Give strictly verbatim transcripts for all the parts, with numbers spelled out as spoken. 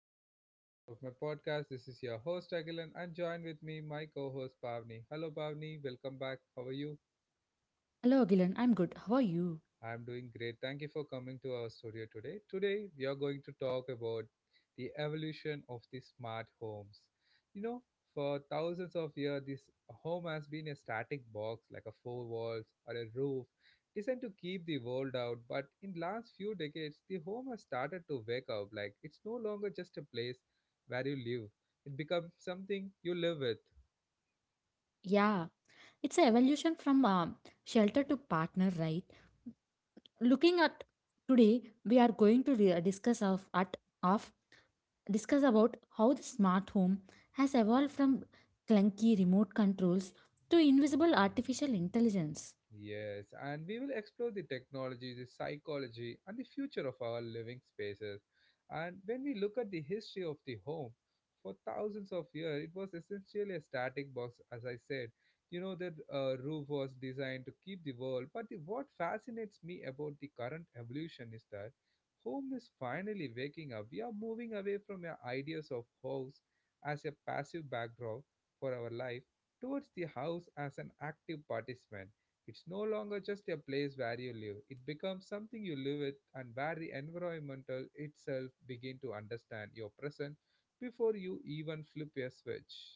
to the another episode of my podcast. This is your host Agilan and join with me my co-host Pavni. Hello Pavni, welcome back. How are you? Hello, Gilan. I'm good. How are you? I'm doing great. Thank you for coming to our studio today. Today, we are going to talk about the evolution of the smart homes. You know, for thousands of years, this home has been a static box like a four walls or a roof designed to keep the world out. But in last few decades, the home has started to wake up. Like it's no longer just a place where you live. It becomes something you live with. Yeah, it's an evolution from um, shelter to partner, right? Looking at today, we are going to re- uh, discuss of at of discuss about how the smart home has evolved from clunky remote controls to invisible artificial intelligence. Yes, and we will explore the technology, the psychology, and the future of our living spaces. And when we look at the history of the home, for thousands of years, it was essentially a static box, as I said. You know, that uh, roof was designed to keep the world. But the, what fascinates me about the current evolution is that home is finally waking up. We are moving away from our ideas of house as a passive backdrop for our life towards the house as an active participant. It's no longer just a place where you live. It becomes something you live with, and where the environmental itself begin to understand your present before you even flip a switch.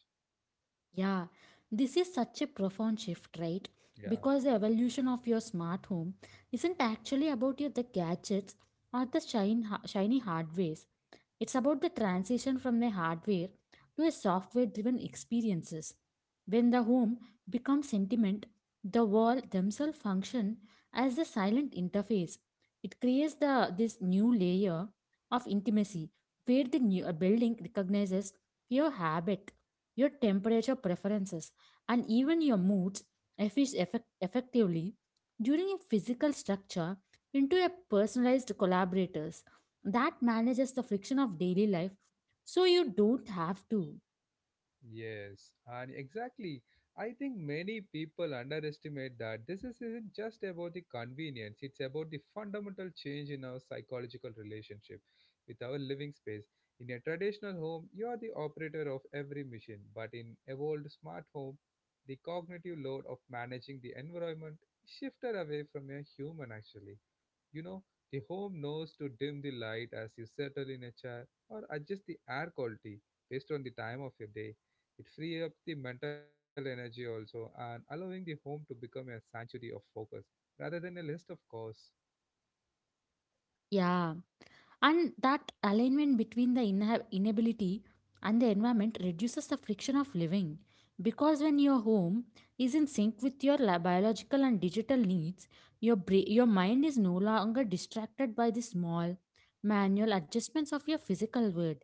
Yeah, this is such a profound shift, right? Yeah. Because the evolution of your smart home isn't actually about your, the gadgets or the shine, ha- shiny hardwares. It's about the transition from a hardware to a software driven experiences. When the home becomes sentiment, the wall themselves function as the silent interface. It creates the this new layer of intimacy where the new a building recognizes your habit your temperature preferences, and even your moods effic- effect- effectively during a physical structure into a personalized collaborators that manages the friction of daily life so you don't have to. Yes, and exactly. I think many people underestimate that this is- isn't just about the convenience, it's about the fundamental change in our psychological relationship with our living space. In a traditional home, you are the operator of every machine, but in evolved smart home, the cognitive load of managing the environment shifted away from a human actually. You know, the home knows to dim the light as you settle in a chair or adjust the air quality based on the time of your day. It frees up the mental energy also and allowing the home to become a sanctuary of focus rather than a list of chores. Yeah. And that alignment between the inha- inability and the environment reduces the friction of living. Because when your home is in sync with your la- biological and digital needs, your, bra- your mind is no longer distracted by the small, manual adjustments of your physical world.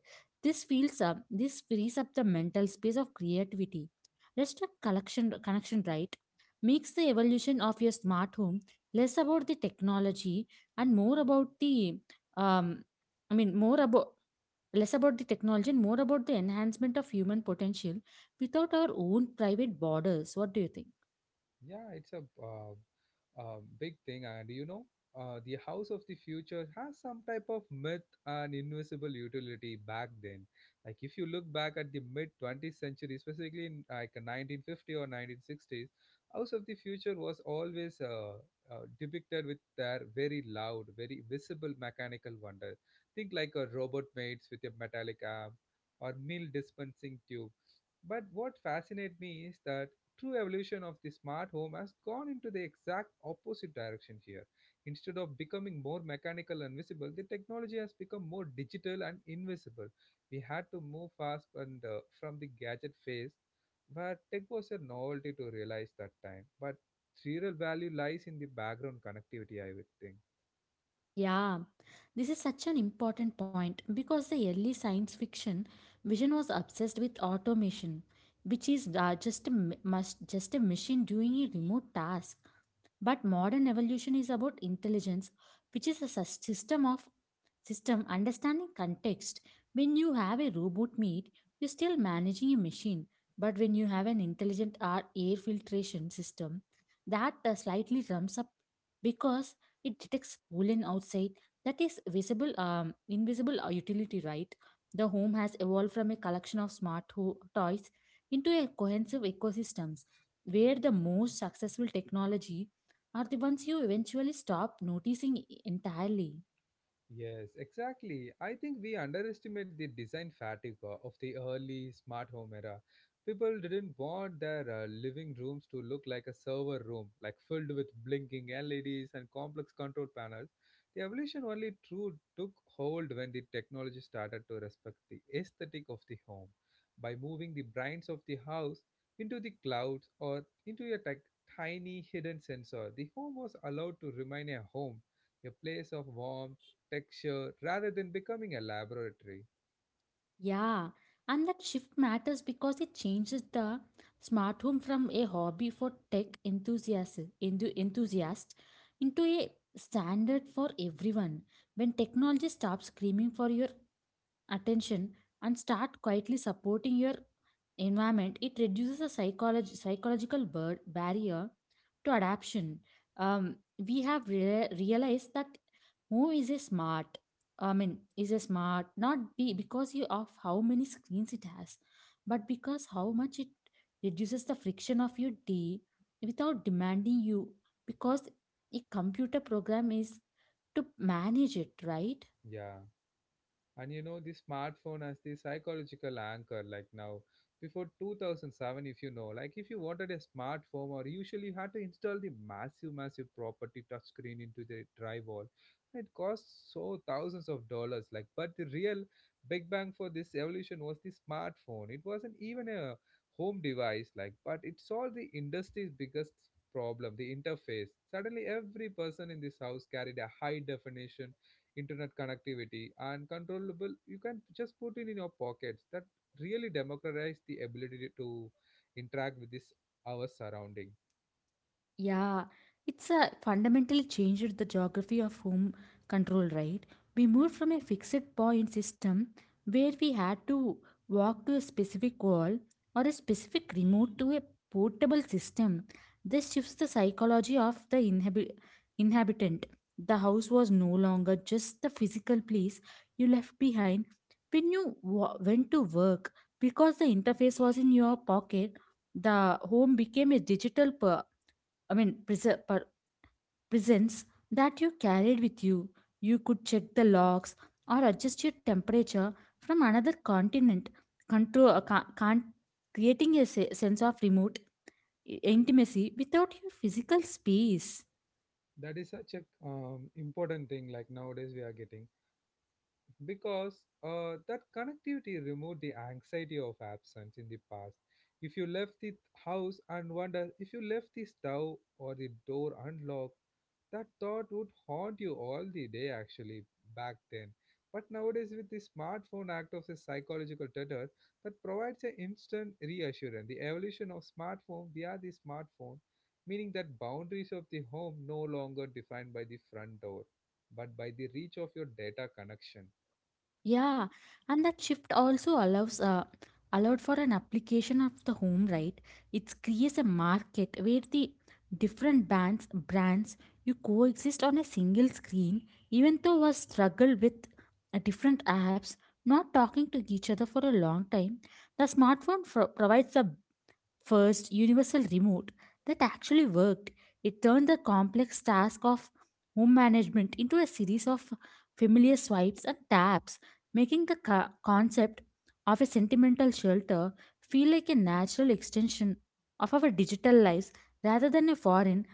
This feels up, this frees up the mental space of creativity. Restaurant collection connection right makes the evolution of your smart home less about the technology and more about the um, I mean, more about less about the technology and more about the enhancement of human potential without our own private borders. What do you think? Yeah, it's a uh, uh, big thing, and you know, uh, the house of the future has some type of myth and invisible utility back then. Like if you look back at the mid twentieth century, specifically in like nineteen fifty or nineteen sixties, house of the future was always uh, uh, depicted with their very loud, very visible mechanical wonder. Think like a robot maids with a metallic arm or meal dispensing tube. But what fascinates me is that true evolution of the smart home has gone into the exact opposite direction here. Instead of becoming more mechanical and visible, the technology has become more digital and invisible. We had to move fast and uh, from the gadget phase, but tech was a novelty to realize that time. But real value lies in the background connectivity, I would think. Yeah, this is such an important point because the early science fiction vision was obsessed with automation, which is uh, just a ma- must, just a machine doing a remote task. But modern evolution is about intelligence, which is a sus- system of system understanding context when you have a robot meat you're still managing a machine but when you have an intelligent ar- air filtration system that uh, slightly ramps up because it detects pollen outside. That is visible um, invisible uh, utility, right? The home has evolved from a collection of smart ho- toys into a cohesive ecosystems where the most successful technology are the ones you eventually stop noticing e-, entirely. Yes, exactly. I think we underestimate the design fatigue uh, of the early smart home era. People didn't want their uh, living rooms to look like a server room, like filled with blinking L E Ds and complex control panels. The evolution only true took hold when the technology started to respect the aesthetic of the home by moving the brains of the house into the clouds or into a ti- tiny hidden sensor. The home was allowed to remain a home, a place of warmth, texture rather than becoming a laboratory. Yeah, and that shift matters because it changes the smart home from a hobby for tech enthusiasts enthu- enthusiast into a standard for everyone. When technology stops screaming for your attention and start quietly supporting your environment, it reduces the psycholog- psychological bur- barrier to adaption. Um, we have rea- realized that Home is a smart, I mean, is a smart not be because you of how many screens it has, but because how much it reduces the friction of your day without demanding you because a computer program is to manage it, right? Yeah. And you know the smartphone as the psychological anchor like now before two thousand seven, if you know like if you wanted a smartphone or usually you had to install the massive massive property touchscreen into the drywall, it cost so thousands of dollars. Like but the real big bang for this evolution was the smartphone. It wasn't even a home device, like but it solved the industry's biggest problem, the interface. Suddenly every person in this house carried a high definition internet connectivity and controllable. You can just put it in your pockets. That really democratize the ability to interact with this our surrounding. Yeah, it's a fundamentally changed the geography of home control, right? We moved from a fixed point system where we had to walk to a specific wall or a specific remote to a portable system. This shifts the psychology of the inhabi- inhabitant. The house was no longer just the physical place you left behind when you wa- went to work because the interface was in your pocket. The home became a digital I mean, prese- per- presents that you carried with you. You could check the logs or adjust your temperature from another continent, control, uh, ca- can- creating a se- sense of remote i- intimacy without your physical space. That is such a um, important thing. Like nowadays, we are getting because uh, that connectivity removed the anxiety of absence in the past. If you left the house and wonder if you left the stove or the door unlocked, that thought would haunt you all the day, actually, back then. But nowadays, with the smartphone act of a psychological tether that provides an instant reassurance. The evolution of smartphone via the smartphone, meaning that boundaries of the home no longer defined by the front door, but by the reach of your data connection. Yeah, and that shift also allows uh, allowed for an application of the home, right. It creates a market where the different bands brands you coexist on a single screen, even though was struggle with uh, different apps not talking to each other for a long time. The smartphone fro- provides the first universal remote that actually worked. It turned the complex task of home management into a series of familiar swipes and taps, making the co- concept of a sentimental shelter feel like a natural extension of our digital lives rather than a foreign,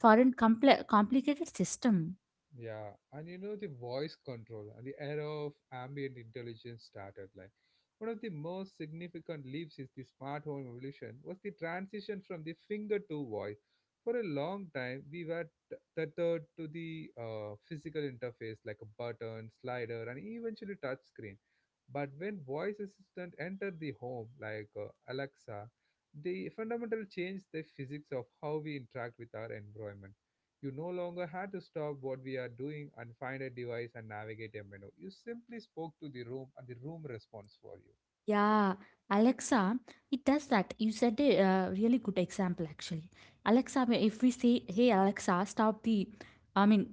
foreign compl- complicated system. Yeah, and you know the voice control and the era of ambient intelligence started. Like one of the most significant leaps is the smart home evolution was the transition from the finger to voice. For a long time, we were t- tethered to the uh, physical interface like a button, slider, and eventually touch screen. But when voice assistant entered the home, like uh, Alexa, the fundamental changed the physics of how we interact with our environment. You no longer had to stop what we are doing and find a device and navigate a menu. You simply spoke to the room and the room responds for you. Yeah, Alexa, it does that. You said a uh, really good example, actually. Alexa, if we say, "Hey Alexa, stop the," I mean,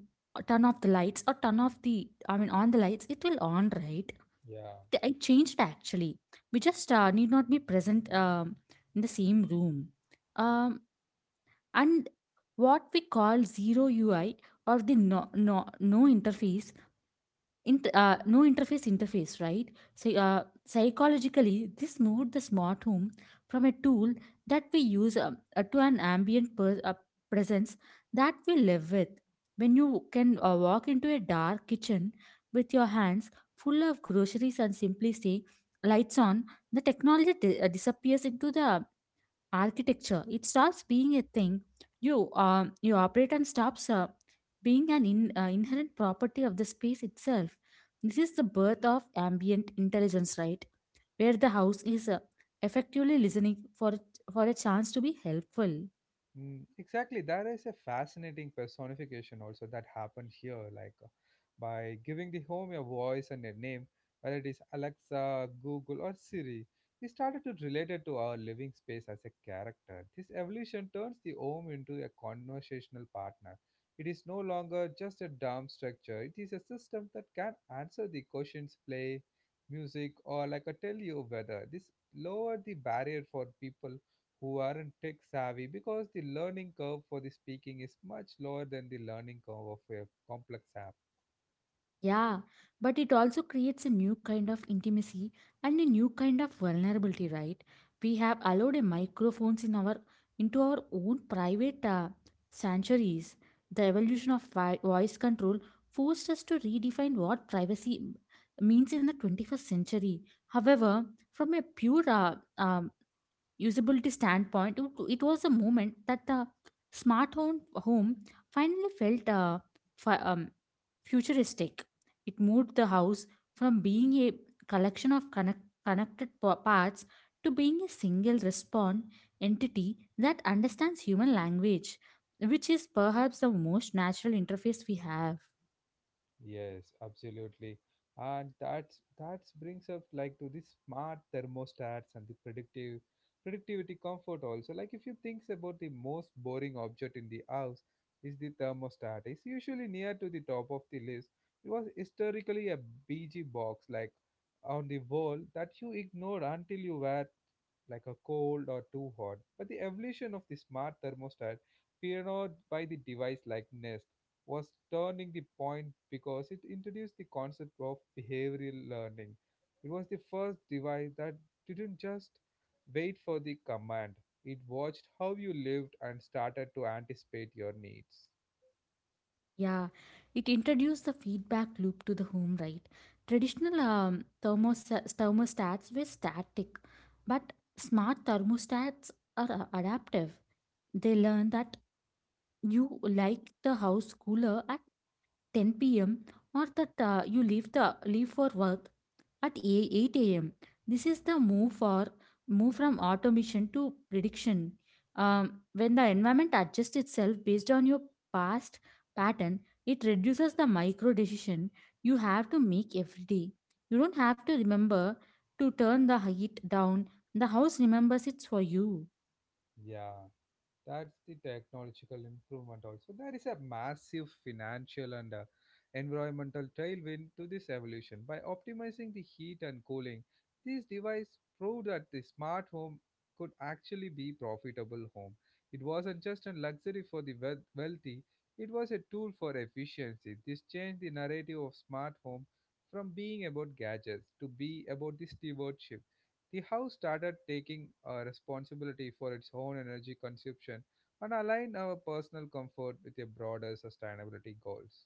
turn off the lights or turn off the, I mean, on the lights, it will on, right? Yeah. It it changed actually. We just uh, need not be present um, in the same room. Um, and what we call zero U I or the no no no interface Int uh, no interface interface, right? So, uh, psychologically, this moved the smart home from a tool that we use uh, uh, to an ambient per- uh, presence that we live with. When you can uh, walk into a dark kitchen with your hands full of groceries and simply say, lights on, the technology di- uh, disappears into the architecture. It stops being a thing. You, um you operate and stops. Uh, being an in, uh, inherent property of the space itself. This is the birth of ambient intelligence, right? Where the house is uh, effectively listening for, for a chance to be helpful. Mm, exactly. There is a fascinating personification also that happened here, like uh, by giving the home a voice and a name, whether it is Alexa, Google, or Siri. We started to relate it to our living space as a character. This evolution turns the home into a conversational partner. It is no longer just a dumb structure. It is a system that can answer the questions, play music, or like a tell you weather. This lowered the barrier for people who aren't tech savvy because the learning curve for the speaking is much lower than the learning curve of a complex app. Yeah, but it also creates a new kind of intimacy and a new kind of vulnerability, right? We have allowed a microphones in our into our own private uh, sanctuaries. The evolution of vi- voice control forced us to redefine what privacy m- means in the twenty-first century. However, from a pure uh, um, usability standpoint, it, it was a moment that the smart home, home finally felt uh, fi- um, futuristic. It moved the house from being a collection of connect- connected pa- parts to being a single respond entity that understands human language, which is perhaps the most natural interface we have. Yes, absolutely. And that's that brings up like to the smart thermostats and the predictive productivity comfort also. Like if you think about the most boring object in the house is the thermostat. It's usually near to the top of the list. It was historically a B G box like on the wall that you ignored until you were like a cold or too hot. But the evolution of the smart thermostat pioneered by the device like Nest was turning the point because it introduced the concept of behavioral learning. It was the first device that didn't just wait for the command, it watched how you lived and started to anticipate your needs. Yeah, it introduced the feedback loop to the home, right? Traditional um, thermos- uh, thermostats were static, but smart thermostats are uh, adaptive. They learn that you like the house cooler at ten p m or that uh, you leave the leave for work at a- eight a m. This is the move for move from automation to prediction. Um, when the environment adjusts itself based on your past pattern, it reduces the micro decision you have to make every day. You don't have to remember to turn the heat down. The house remembers it for you. Yeah. That's the technological improvement also. There is a massive financial and uh, environmental tailwind to this evolution. By optimizing the heat and cooling, this device proved that the smart home could actually be profitable home. It wasn't just a luxury for the wealth- wealthy, it was a tool for efficiency. This changed the narrative of smart home from being about gadgets to be about the stewardship. The house started taking uh, responsibility for its own energy consumption and align our personal comfort with a broader sustainability goals.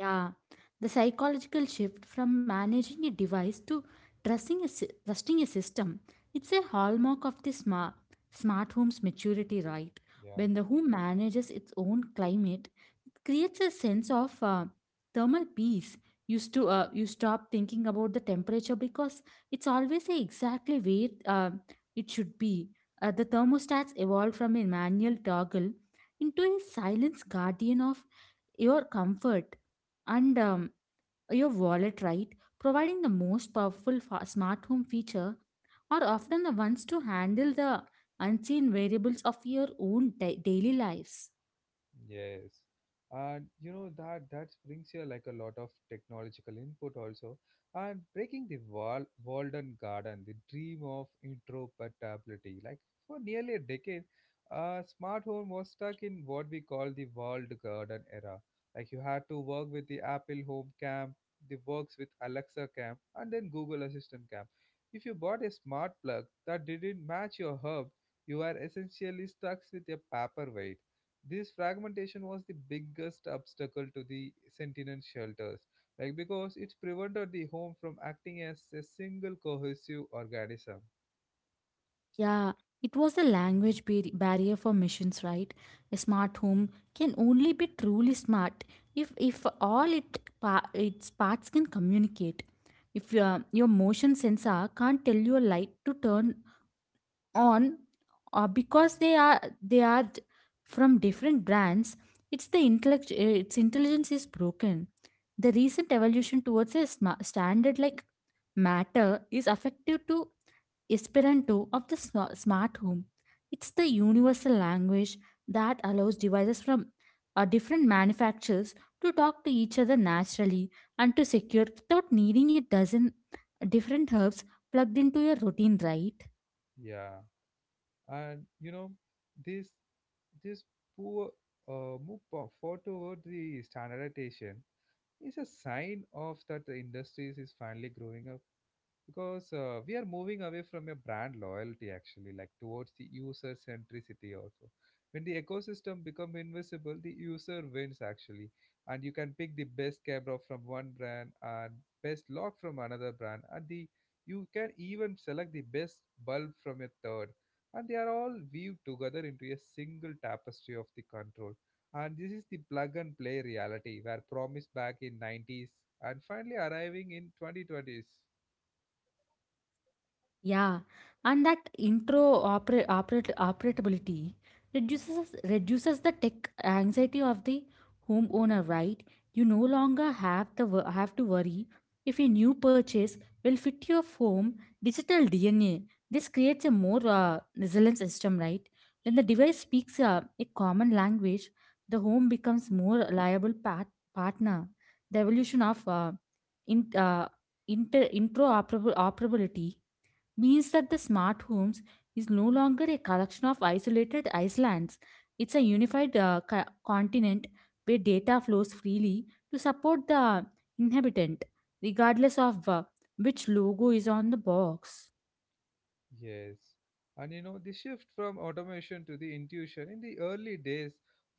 Yeah, the psychological shift from managing a device to trusting a, sy- trusting a system. It's a hallmark of the smart, smart home's maturity, right? Yeah. When the home manages its own climate, it creates a sense of uh, thermal peace. Used to uh, You stop thinking about the temperature because it's always a exactly where uh, it should be. Uh, the thermostats evolved from a manual toggle into a silence guardian of your comfort and um, your wallet, right, providing the most powerful fa- smart home feature are often the ones to handle the unseen variables of your own da- daily lives. Yes. And you know that that brings here like a lot of technological input also. And breaking the Wal Walden Garden, the dream of interoperability. Like for nearly a decade, uh, smart home was stuck in what we call the walled garden era. Like you had to work with the Apple Home Camp, the works with Alexa Camp, and then Google Assistant Camp. If you bought a smart plug that didn't match your hub, you are essentially stuck with a paperweight. This fragmentation was the biggest obstacle to the sentinel shelters, like because it prevented the home from acting as a single cohesive organism. Yeah, it was the language bar- barrier for missions, right? A smart home can only be truly smart if if all it pa- its parts can communicate. If your, your motion sensor can't tell your light to turn on uh, because they are they are d- from different brands, it's the intellect uh, its intelligence is broken. The recent evolution towards a sma- standard like matter is affective to esperanto of the sma- smart home. It's the universal language that allows devices from uh, different manufacturers to talk to each other naturally and to secure without needing a dozen different herbs plugged into your routine, right? Yeah, and you know this this poor uh, move po- forward the standardization is a sign of that the industries is finally growing up, because uh, we are moving away from a brand loyalty actually like towards the user centricity also. When the ecosystem become invisible the user wins actually, and you can pick the best camera from one brand and best lock from another brand and the you can even select the best bulb from a third, and they are all weaved together into a single tapestry of the control. And this is the plug and play reality where promised back in nineties and finally arriving in twenty twenties. Yeah, and that intro oper operate operability reduces reduces the tech anxiety of the homeowner, right? You no longer have the wo- have to worry if a new purchase will fit your home digital D N A. This creates a more uh, resilient system, right? When the device speaks uh, a common language, the home becomes more reliable pat partner. The evolution of uh, in uh, inter interoperable operability means that the smart homes is no longer a collection of isolated islands. It's a unified uh, co- continent where data flows freely to support the inhabitant, regardless of uh, which logo is on the box. Yes. And you know, the shift from automation to the intuition in the early days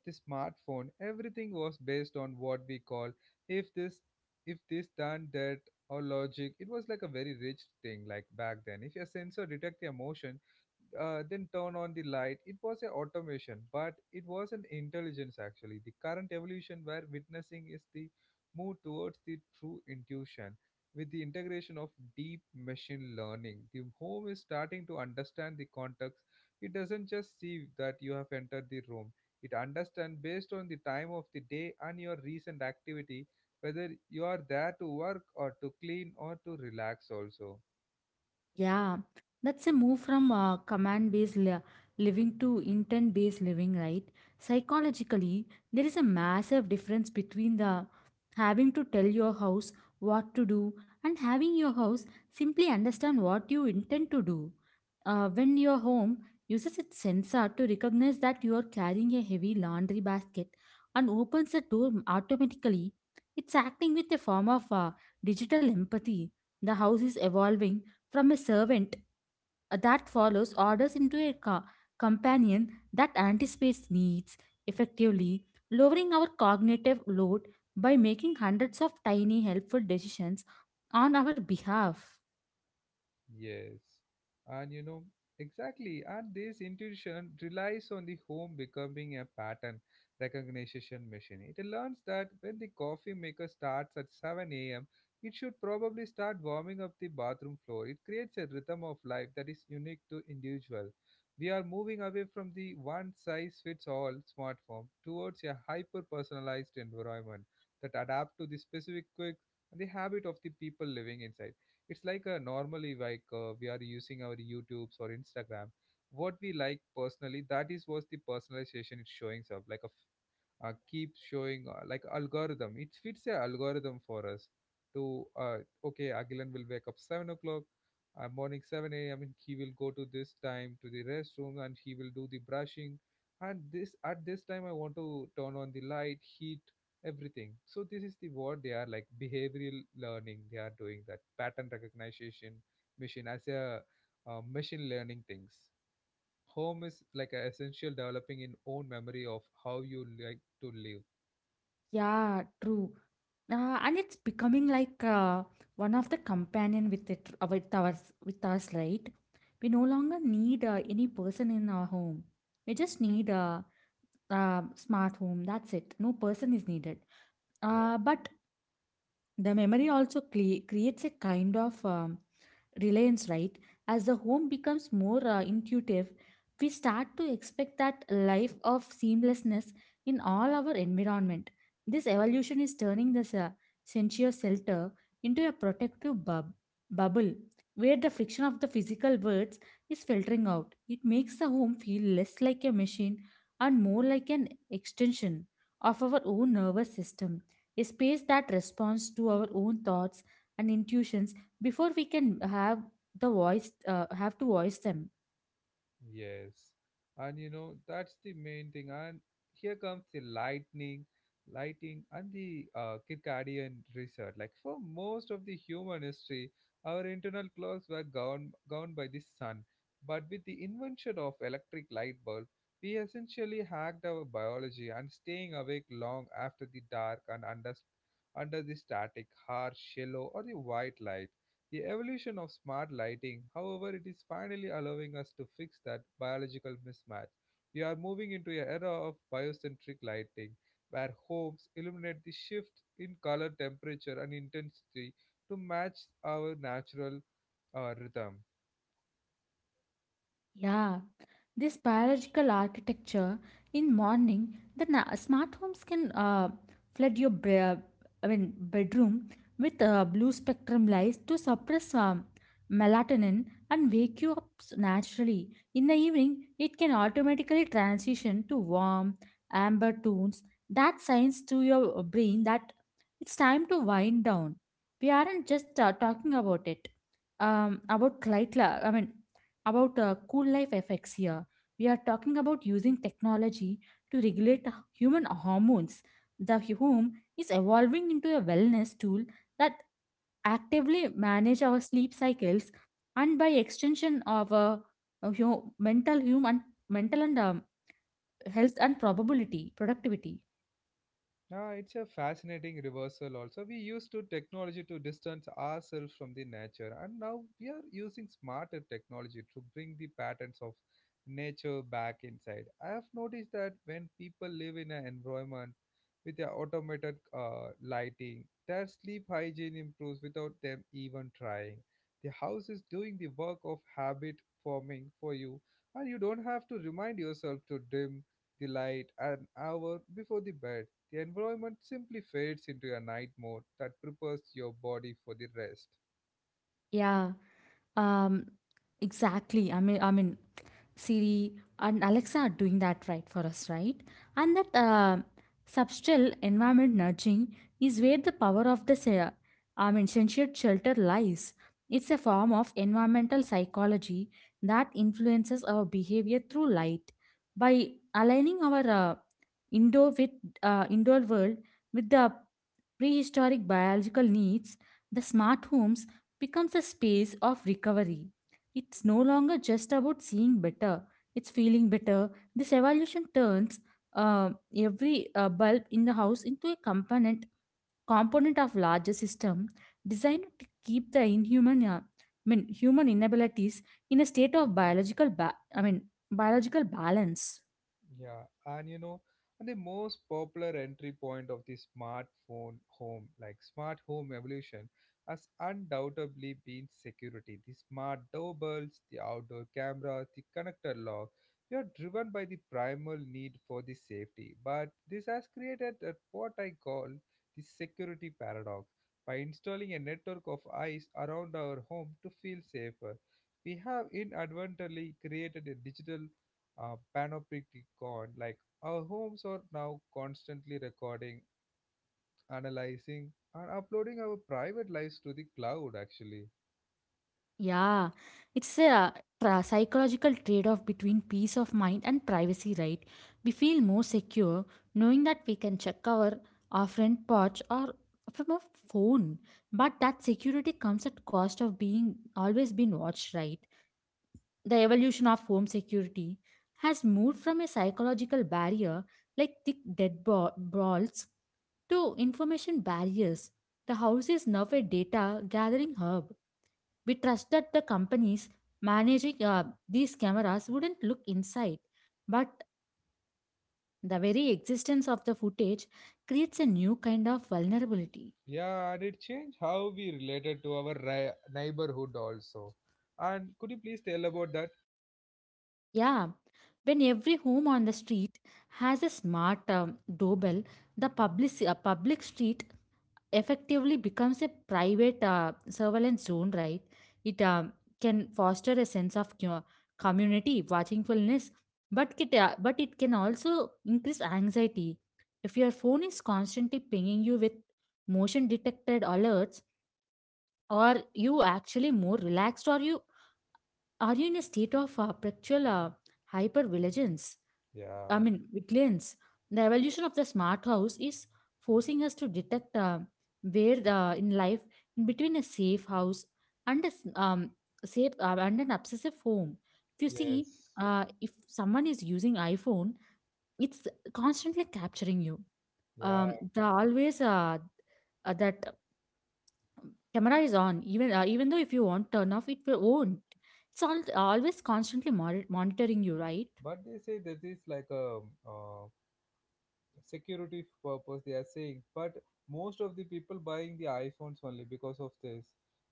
the smartphone, everything was based on what we call if this if this done that or logic. It was like a very rich thing like back then. If your sensor detect the emotion, uh, then turn on the light. It was an automation, but it was an intelligence actually. The current evolution where witnessing is the move towards the true intuition with the integration of deep machine learning. The home is starting to understand the context. It doesn't just see that you have entered the room. It understands based on the time of the day and your recent activity whether you are there to work or to clean or to relax also. Yeah, that's a move from uh, command based living to intent based living, right? Psychologically, there is a massive difference between the having to tell your house what to do and having your house simply understand what you intend to do. Uh, when your home uses its sensor to recognize that you are carrying a heavy laundry basket and opens the door automatically, it's acting with a form of uh, digital empathy. The house is evolving from a servant uh, that follows orders into a co- companion that anticipates needs effectively lowering our cognitive load by making hundreds of tiny helpful decisions on our behalf. Yes. And you know, exactly. And this intuition relies on the home becoming a pattern recognition machine. It learns that when the coffee maker starts at seven a m, it should probably start warming up the bathroom floor. It creates a rhythm of life that is unique to individual. We are moving away from the one size fits all smartphone towards a hyper personalized environment that adapt to the specific quirks and the habit of the people living inside. It's like a normally like uh, we are using our youtubes or instagram what we like personally, that is was the personalization, it's showing up like a uh, keeps showing uh, like algorithm. It fits a algorithm for us to uh, okay, Agilan will wake up seven o'clock. Uh, morning seven a m and he will go to this time to the restroom and he will do the brushing and this at this time I want to turn on the light heat everything. So this is the what they are like behavioral learning, they are doing that pattern recognition machine as a uh, machine learning things. Home is like a essential developing in own memory of how you like to live. Yeah, true. Uh, and it's becoming like uh, one of the companion with it uh, with ours with us, right? We no longer need uh, any person in our home. We just need a, uh um, smart home. That's it. No person is needed. Uh, but The memory also cle- creates a kind of um, reliance, right? As the home becomes more uh, intuitive, we start to expect that life of seamlessness in all our environment. This evolution is turning this uh, sensuous shelter into a protective bub- bubble where the friction of the physical words is filtering out. It makes the home feel less like a machine and more like an extension of our own nervous system, a space that responds to our own thoughts and intuitions before we can have the voice uh, have to voice them. Yes. And you know, that's the main thing. And here comes the lightning, lighting, and the uh, Kirkadian research. Like for most of the human history, our internal clocks were governed, governed by the sun. But with the invention of electric light bulb, we essentially hacked our biology and staying awake long after the dark and under, under the static, harsh, yellow, or the white light. The evolution of smart lighting, however, it is finally allowing us to fix that biological mismatch. We are moving into an era of biocentric lighting, where homes illuminate the shift in color, temperature, and intensity to match our natural uh, rhythm. Yeah, this biological architecture in morning, the na- smart homes can uh, flood your bra- I mean bedroom with uh, blue spectrum lights to suppress um, melatonin and wake you up s- naturally. In the evening, it can automatically transition to warm amber tones that signs to your uh, brain that it's time to wind down. We aren't just uh, talking about it. Um, about light, I mean about uh, cool life effects here. We are talking about using technology to regulate human hormones. The home is evolving into a wellness tool that actively manage our sleep cycles and by extension of uh, uh, hu- mental human mental and um, health and probability productivity. Yeah, it's a fascinating reversal also. We used to technology to distance ourselves from the nature and now we are using smarter technology to bring the patterns of nature back inside. I have noticed that when people live in an environment with their automated uh, lighting, their sleep hygiene improves without them even trying. The house is doing the work of habit forming for you, and you don't have to remind yourself to dim the light an hour before the bed. The environment simply fades into a night mode that prepares your body for the rest. Yeah um exactly i mean i mean Siri and Alexa are doing that right for us, right? And that uh, subtle environment nudging is where the power of the se- I mean, censured shelter lies. It's a form of environmental psychology that influences our behavior through light. By aligning our uh, indoor with uh, indoor world with the prehistoric biological needs, the smart homes becomes a space of recovery. It's no longer just about seeing better, it's feeling better. This evolution turns uh, every uh, bulb in the house into a component component of larger system designed to keep the inhuman uh, I mean human inabilities in a state of biological ba- I mean biological balance. Yeah, and you know, and the most popular entry point of the smartphone home, like smart home evolution, has undoubtedly been security. The smart doorbells, the outdoor cameras, the connector lock, we are driven by the primal need for the safety. But this has created a- what I call the security paradox. By installing a network of eyes around our home to feel safer, we have inadvertently created a digital uh, panopticon. Like our homes are now constantly recording, analyzing, and uploading our private lives to the cloud. Actually, Yeah, it's a tra- psychological trade off between peace of mind and privacy, right? We feel more secure knowing that we can check our, our friend porch or from a phone, but that security comes at cost of being always being watched, right? The evolution of home security has moved from a psychological barrier like thick dead ball- walls to information barriers. The house is now a data gathering hub. We trust that the companies managing uh, these cameras wouldn't look inside, but the very existence of the footage creates a new kind of vulnerability. yeah, and it changed how we related to our ri- neighborhood also. And could you please tell about that? Yeah, when every home on the street has a smart um, doorbell, the public, uh, public street effectively becomes a private uh, surveillance zone, right? It um, can foster a sense of co- community, watchfulness, but it, uh, but it can also increase anxiety. If your phone is constantly pinging you with motion detected alerts, are you actually more relaxed? Or you are you in a state of uh, perpetual uh, hypervigilance? I Yeah. mean, vigilance. The evolution of the smart house is forcing us to detect uh, where the, in life in between a safe house and a s- um, safe uh, and an obsessive home. If you see, Yes. uh, if someone is using iPhone, it's constantly capturing you. Yeah. Um, the always uh, uh, that camera is on. Even uh, even though if you want turn off, it will won't. It's all, always constantly mon- monitoring you, right? But they say this is like a uh, security purpose they are saying, but most of the people buying the iphones only because of this,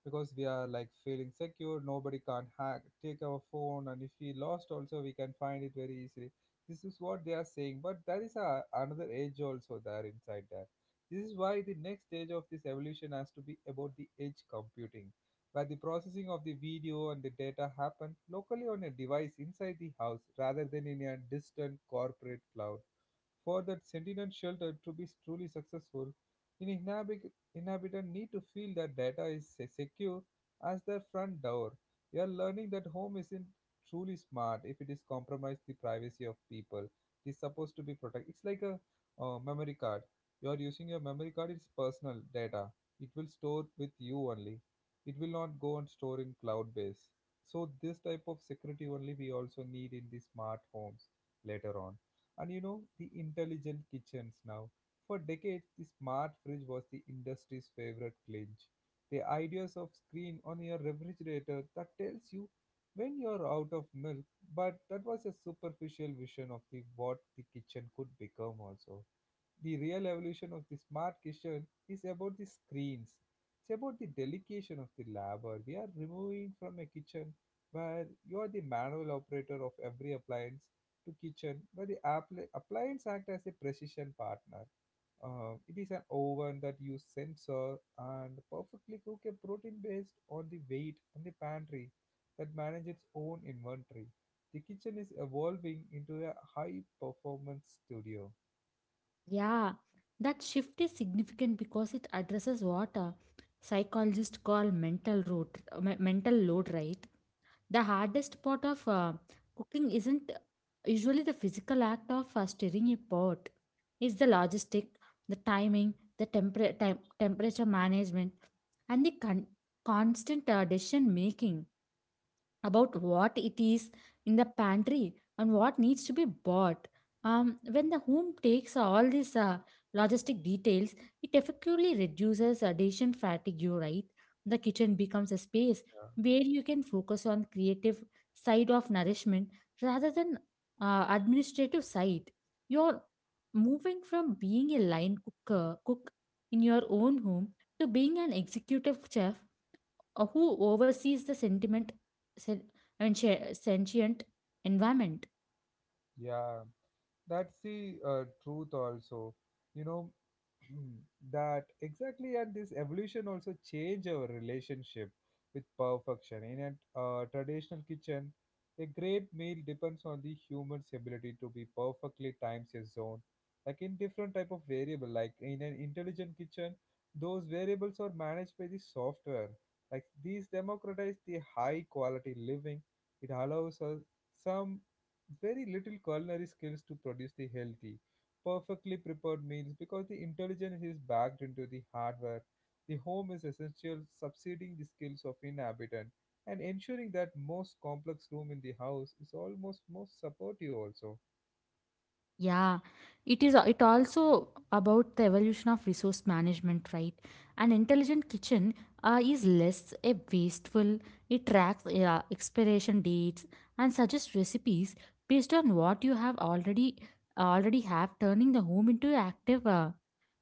because we are like feeling secure, nobody can hack take our phone, and if we lost also we can find it very easily. This is what they are saying, but there is a, another edge also there inside that. This is why the next stage of this evolution has to be about the edge computing, where the processing of the video and the data happen locally on a device inside the house rather than in a distant corporate cloud. For that Sentinel shelter to be truly successful, an inhabit- inhabitant need to feel that data is se- secure as their front door. We are learning that home isn't truly smart if it is compromised the privacy of people. It is supposed to be protected. It's like a uh, memory card. You are using your memory card. It's personal data. It will store with you only. It will not go and store in cloud base. So this type of security only we also need in the smart homes later on. And you know, the intelligent kitchens now. For decades, the smart fridge was the industry's favorite clinch. The ideas of screen on your refrigerator that tells you when you're out of milk, but that was a superficial vision of the what the kitchen could become also. The real evolution of the smart kitchen is about the screens. It's about the delegation of the labor. We are removing from a kitchen where you are the manual operator of every appliance to kitchen where the appli- appliance act as a precision partner. Uh, it is an oven that use sensor and perfectly cook a protein based on the weight, and the pantry that manage its own inventory. The kitchen is evolving into a high performance studio. Yeah, that shift is significant because it addresses what uh, psychologists call mental load, me- mental load, right? The hardest part of uh, cooking isn't usually the physical act of uh, stirring a pot. It's the logistic, the timing, the temper- tem- temperature management, and the con- constant uh, decision making about what it is in the pantry and what needs to be bought. Um, when the home takes all these uh, logistic details, it effectively reduces addition fatigue, right? The kitchen becomes a space where you can focus on creative side of nourishment rather than uh, administrative side. You're moving from being a line cooker cook in your own home to being an executive chef uh, who oversees the sentiment sen- I mean, sha- sentient environment. Yeah, that's the uh, truth also. You know, that exactly, and this evolution also change our relationship with perfection. In a uh, traditional kitchen, a great meal depends on the human's ability to be perfectly times his zone. Like in different type of variable, like in an intelligent kitchen, those variables are managed by the software. Like these democratize the high quality living. It allows us some very little culinary skills to produce the healthy, perfectly prepared meals because the intelligence is backed into the hardware. The home is essential, subsiding the skills of inhabitant and ensuring that most complex room in the house is almost most supportive also. Yeah, it is. It also about the evolution of resource management, right? An intelligent kitchen uh, is less a wasteful. It tracks uh, expiration dates and suggests recipes based on what you have already already have, turning the home into active. Uh,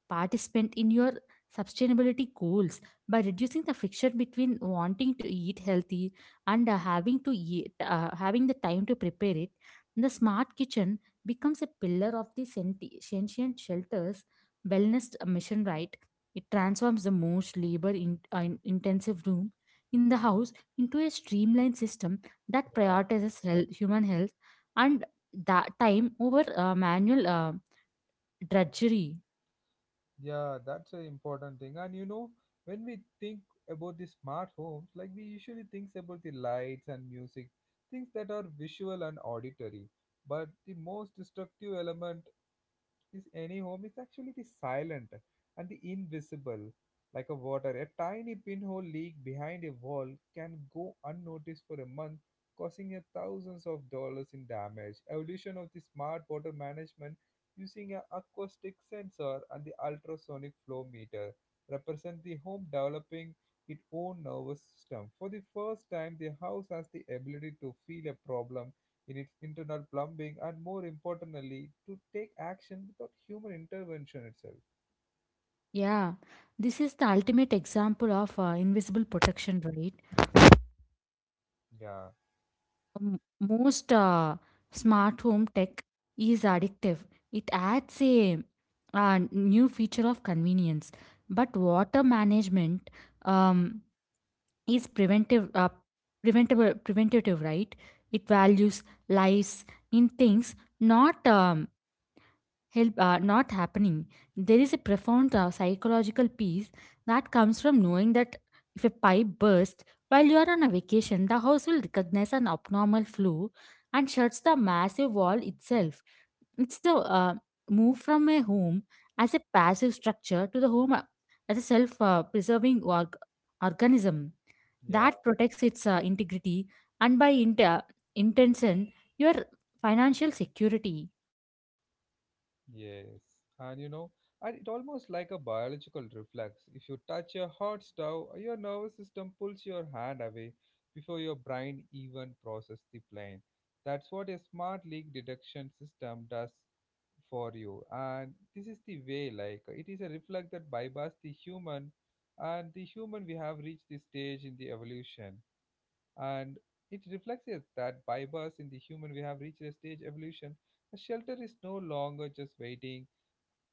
Participate in your sustainability goals by reducing the friction between wanting to eat healthy and uh, having to eat, uh, having the time to prepare it. The smart kitchen becomes a pillar of the senti- sentient shelters wellness mission. Right, it transforms the most labor in, uh, in- intensive room in the house into a streamlined system that Yeah, prioritizes health, human health, and that time over uh, manual uh, drudgery. yeah, that's an important thing. And you know, when we think about the smart homes, like we usually think about the lights and music, things that are visual and auditory. But the most destructive element this any home is actually the silent and the invisible, like a water. A tiny pinhole leak behind a wall can go unnoticed for a month, causing you thousands of dollars in damage. Evolution of the smart water management using an acoustic sensor and the ultrasonic flow meter represent the home developing its own nervous system. For the first time, the house has the ability to feel a problem in its internal plumbing, and more importantly, to take action without human intervention itself. Yeah, this is the ultimate example of uh, invisible protection, right? Yeah, Um, most uh, smart home tech is addictive. It adds a, uh, new feature of convenience, but water management um, is preventive, uh, preventable, preventative, right? It values lives in things, not um, help are not happening. There is a profound uh, psychological peace that comes from knowing that if a pipe bursts while you are on a vacation, the house will recognize an abnormal flow and shuts the massive wall itself. It's the uh, move from a home as a passive structure to the home uh, as a self uh, preserving org- organism yeah, that protects its uh, integrity and by inter- intention your financial security. yes. And you know, and it almost like a biological reflex. If you touch a hot stove, your nervous system pulls your hand away before your brain even processes the plane. That's what a smart leak detection system does for you, and this is the way like it is a reflect that bypass the human and the human, we have reached this stage in the evolution. And it reflects it that bypass in the human, we have reached a stage evolution. The shelter is no longer just waiting,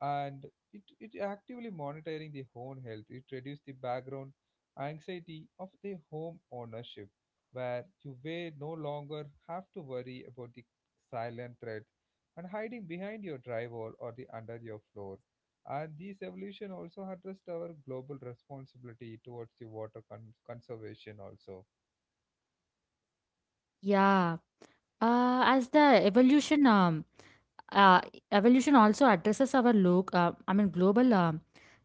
and it, it actively monitoring the home health. It reduces the background anxiety of the home ownership, where you may no longer have to worry about the silent threat and hiding behind your drywall or the under your floor. And this evolution also addressed our global responsibility towards the water con- conservation also. Yeah, uh, as the evolution, um, uh, evolution also addresses our loc uh, I mean global um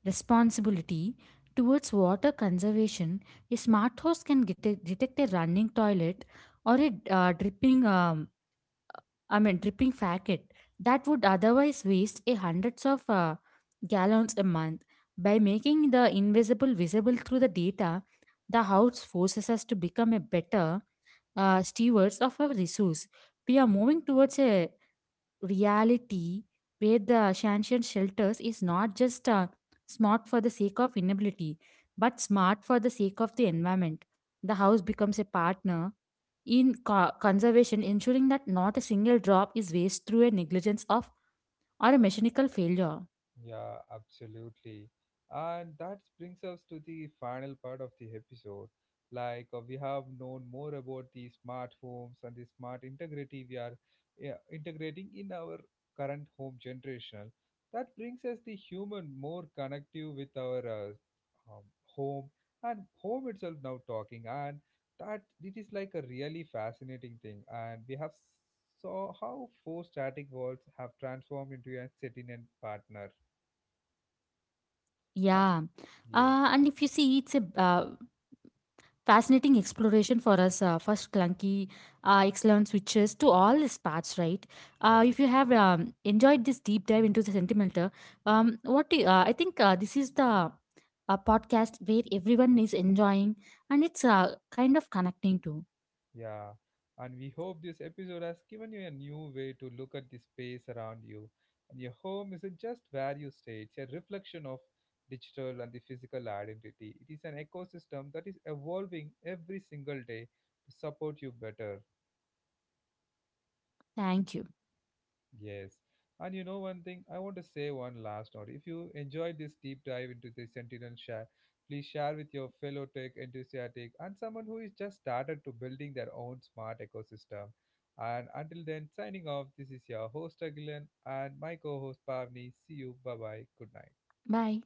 responsibility towards water conservation. A smart house can get a, detect a running toilet or a uh, dripping um, I mean, dripping packet that would otherwise waste a hundreds of uh, gallons a month. By making the invisible visible through the data, the house forces us to become a better uh, stewards of our resource. We are moving towards a reality where the transient shelters is not just uh, smart for the sake of inability but smart for the sake of the environment. The house becomes a partner in co- conservation, ensuring that not a single drop is waste through a negligence of or a mechanical failure. Yeah, absolutely. And that brings us to the final part of the episode. Like uh, we have known more about the smart homes and the smart integrity we are, yeah, integrating in our current home generation. That brings us the human more connective with our uh, um, home, and home itself now talking, and that it is like a really fascinating thing, and we have s- saw how four static walls have transformed into a sentient partner. And- Yeah, yes, uh, and if you see it's a uh, fascinating exploration for us, uh, first clunky uh, excellent switches to all these parts, right. Uh, yeah, if you have um, enjoyed this deep dive into the sentimental, um, what do you, uh, I think uh, this is the uh, podcast where everyone is enjoying and it's uh, kind of connecting to. yeah. And we hope this episode has given you a new way to look at the space around you. And your home isn't just where you stay, it's a reflection of digital and the physical identity. It is an ecosystem that is evolving every single day to support you better. Thank you. Yes. And you know one thing, I want to say one last note. If you enjoyed this deep dive into the Sentinel share, please share with your fellow tech enthusiast and someone who is just started to building their own smart ecosystem. And until then, signing off, this is your host Agilan and my co-host Pavni. See you. Bye bye. Good night. Bye.